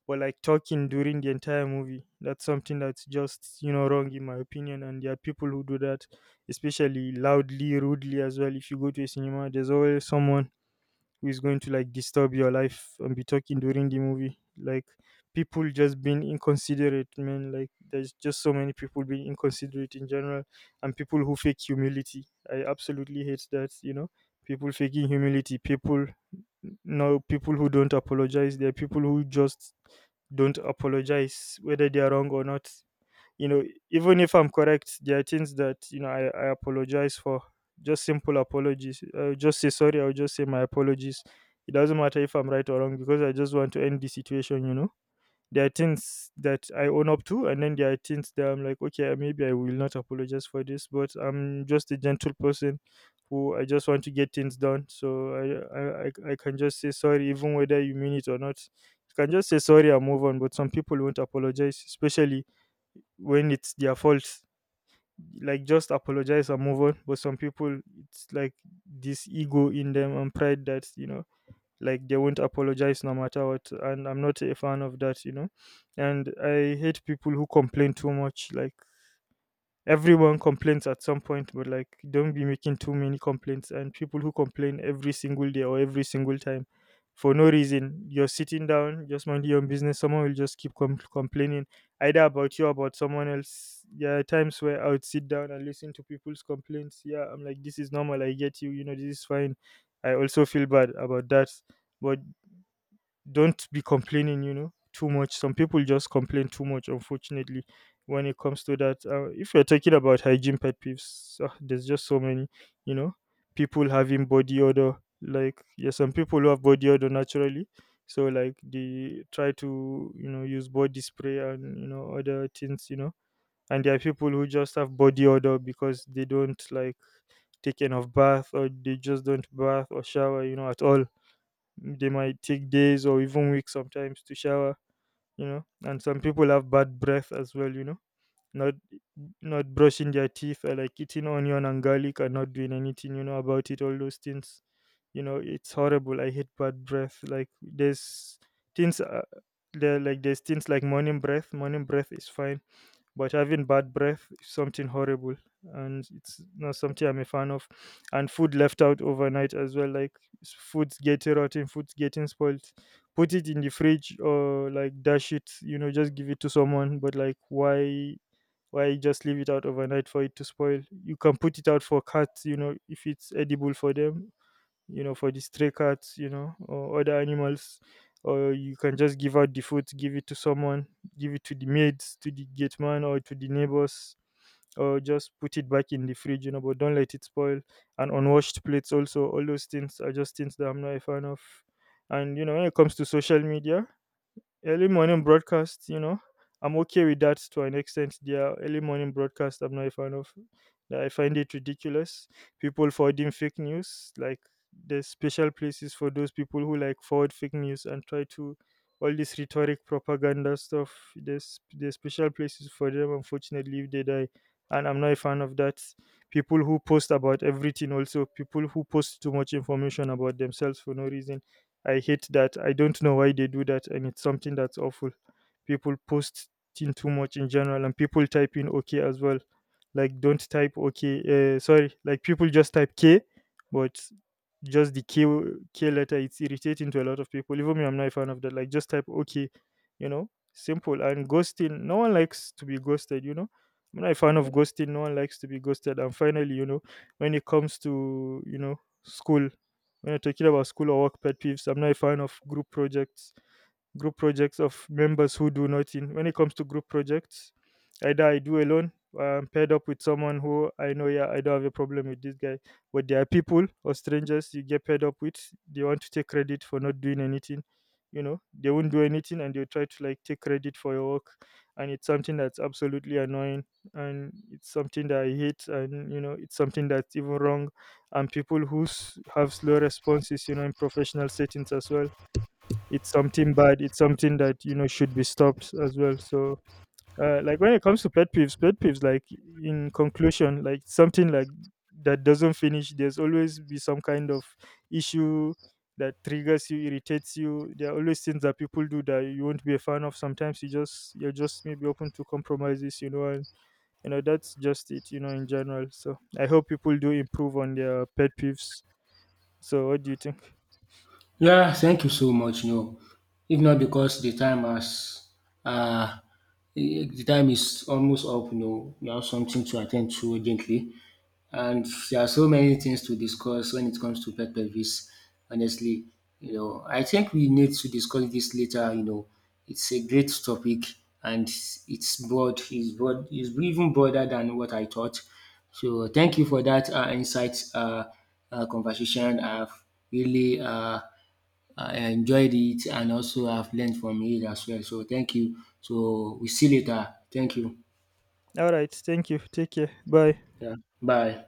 Were like talking during the entire movie, that's something that's just, you know, wrong in my opinion. And there are people who do that, especially loudly, rudely as well. If you go to a cinema, there's always someone who is going to like disturb your life and be talking during the movie. Like people just being inconsiderate, man. Like there's just so many people being inconsiderate in general. And people who fake humility, I absolutely hate that, you know. People faking humility, people who don't apologize. There are people who just don't apologize, whether they are wrong or not. You know, even if I'm correct, there are things that, you know, I apologize for. Just simple apologies. Just say sorry, I'll just say my apologies. It doesn't matter if I'm right or wrong, because I just want to end the situation, you know? There are things that I own up to, and then there are things that I'm like, okay, maybe I will not apologize for this, but I'm just a gentle person, who I just want to get things done. So I can just say sorry, even whether you mean it or not. You can just say sorry and move on, but some people won't apologize, especially when it's their fault. Like just apologize and move on. But some people, it's like this ego in them and pride that, you know, like they won't apologize no matter what. And I'm not a fan of that, you know. And I hate people who complain too much. Like everyone complains at some point, but like don't be making too many complaints. And people who complain every single day or every single time for no reason. You're sitting down just minding your own business, someone will just keep complaining either about you or about someone else. Yeah, times where I would sit down and listen to people's complaints, yeah, I'm like this is normal, I get you, you know, this is fine. I also feel bad about that. But don't be complaining, you know, too much. Some people just complain too much, unfortunately, when it comes to that. If you're talking about hygiene pet peeves, ah, there's just so many, you know. People having body odor. Like yeah, some people who have body odor naturally. So like they try to, you know, use body spray and, you know, other things, you know. And there are people who just have body odor because they don't, like, take enough bath, or they just don't bath or shower, you know, at all. They might take days or even weeks sometimes to shower, you know. And some people have bad breath as well, you know. Not not brushing their teeth, or like eating onion and garlic and not doing anything, you know, about it, all those things. You know, it's horrible. I hate bad breath. Like things uh, there like there's things like morning breath. Morning breath is fine, but having bad breath is something horrible, and it's not something I'm a fan of. And food left out overnight as well, like food's getting rotten, food's getting spoiled. Put it in the fridge, or like dash it, you know, just give it to someone. But like why just leave it out overnight for it to spoil? You can put it out for cats, you know, if it's edible for them, you know, for the stray cats, you know, or other animals. Or you can just give out the food, give it to someone, give it to the maids, to the gate man, or to the neighbors, or just put it back in the fridge, you know, but don't let it spoil. And unwashed plates, also, all those things are just things that I'm not a fan of. And, you know, when it comes to social media, early morning broadcast, you know, I'm okay with that to an extent. Their early morning broadcast, I'm not a fan of. I find it ridiculous. People forwarding fake news, like there's special places for those people who like forward fake news and try to all this rhetoric propaganda stuff. There's special places for them. Unfortunately, if they die, and I'm not a fan of that. People who post about everything, also people who post too much information about themselves for no reason, I hate that. I don't know why they do that, and it's something that's awful. People post in too much in general, and people type in okay as well. Like don't type okay. Sorry, like people just type K, but just the K letter. It's irritating to a lot of people. Even me, I'm not a fan of that. Like just type okay, you know, simple. And ghosting. No one likes to be ghosted, you know. I'm not a fan of ghosting. No one likes to be ghosted. And finally, you know, when it comes to, you know, school, when I are talking about school or work pet peeves, I'm not a fan of group projects, group projects of members who do nothing. When it comes to group projects, either I do alone, or I'm paired up with someone who I know. Yeah, I don't have a problem with this guy. But there are people or strangers you get paired up with, they want to take credit for not doing anything. You know, they won't do anything, and they'll try to like take credit for your work. And it's something that's absolutely annoying, and it's something that I hate. And you know, it's something that's even wrong. And people who have slow responses, you know, in professional settings as well, it's something bad. It's something that, you know, should be stopped as well. So, like when it comes to pet peeves, like in conclusion, like something like that doesn't finish. There's always be some kind of issue that triggers you, irritates you. There are always things that people do that you won't be a fan of. Sometimes you're just maybe open to compromises, you know, and you know that's just it, you know, in general. So I hope people do improve on their pet peeves. So what do you think?
Yeah, thank you so much. You know, if not because the time has uh the time is almost up, you know, we have something to attend to urgently. And there are so many things to discuss when it comes to pet peeves, honestly. You know, I think we need to discuss this later, you know. It's a great topic and it's broad, it's broad, it's even broader than what I thought. So thank you for that insight, conversation. Really uh, I enjoyed it and also I've learned from it as well. So thank you. So we see you later. Thank you.
All right. Thank you. Take care. Bye.
Yeah. Bye.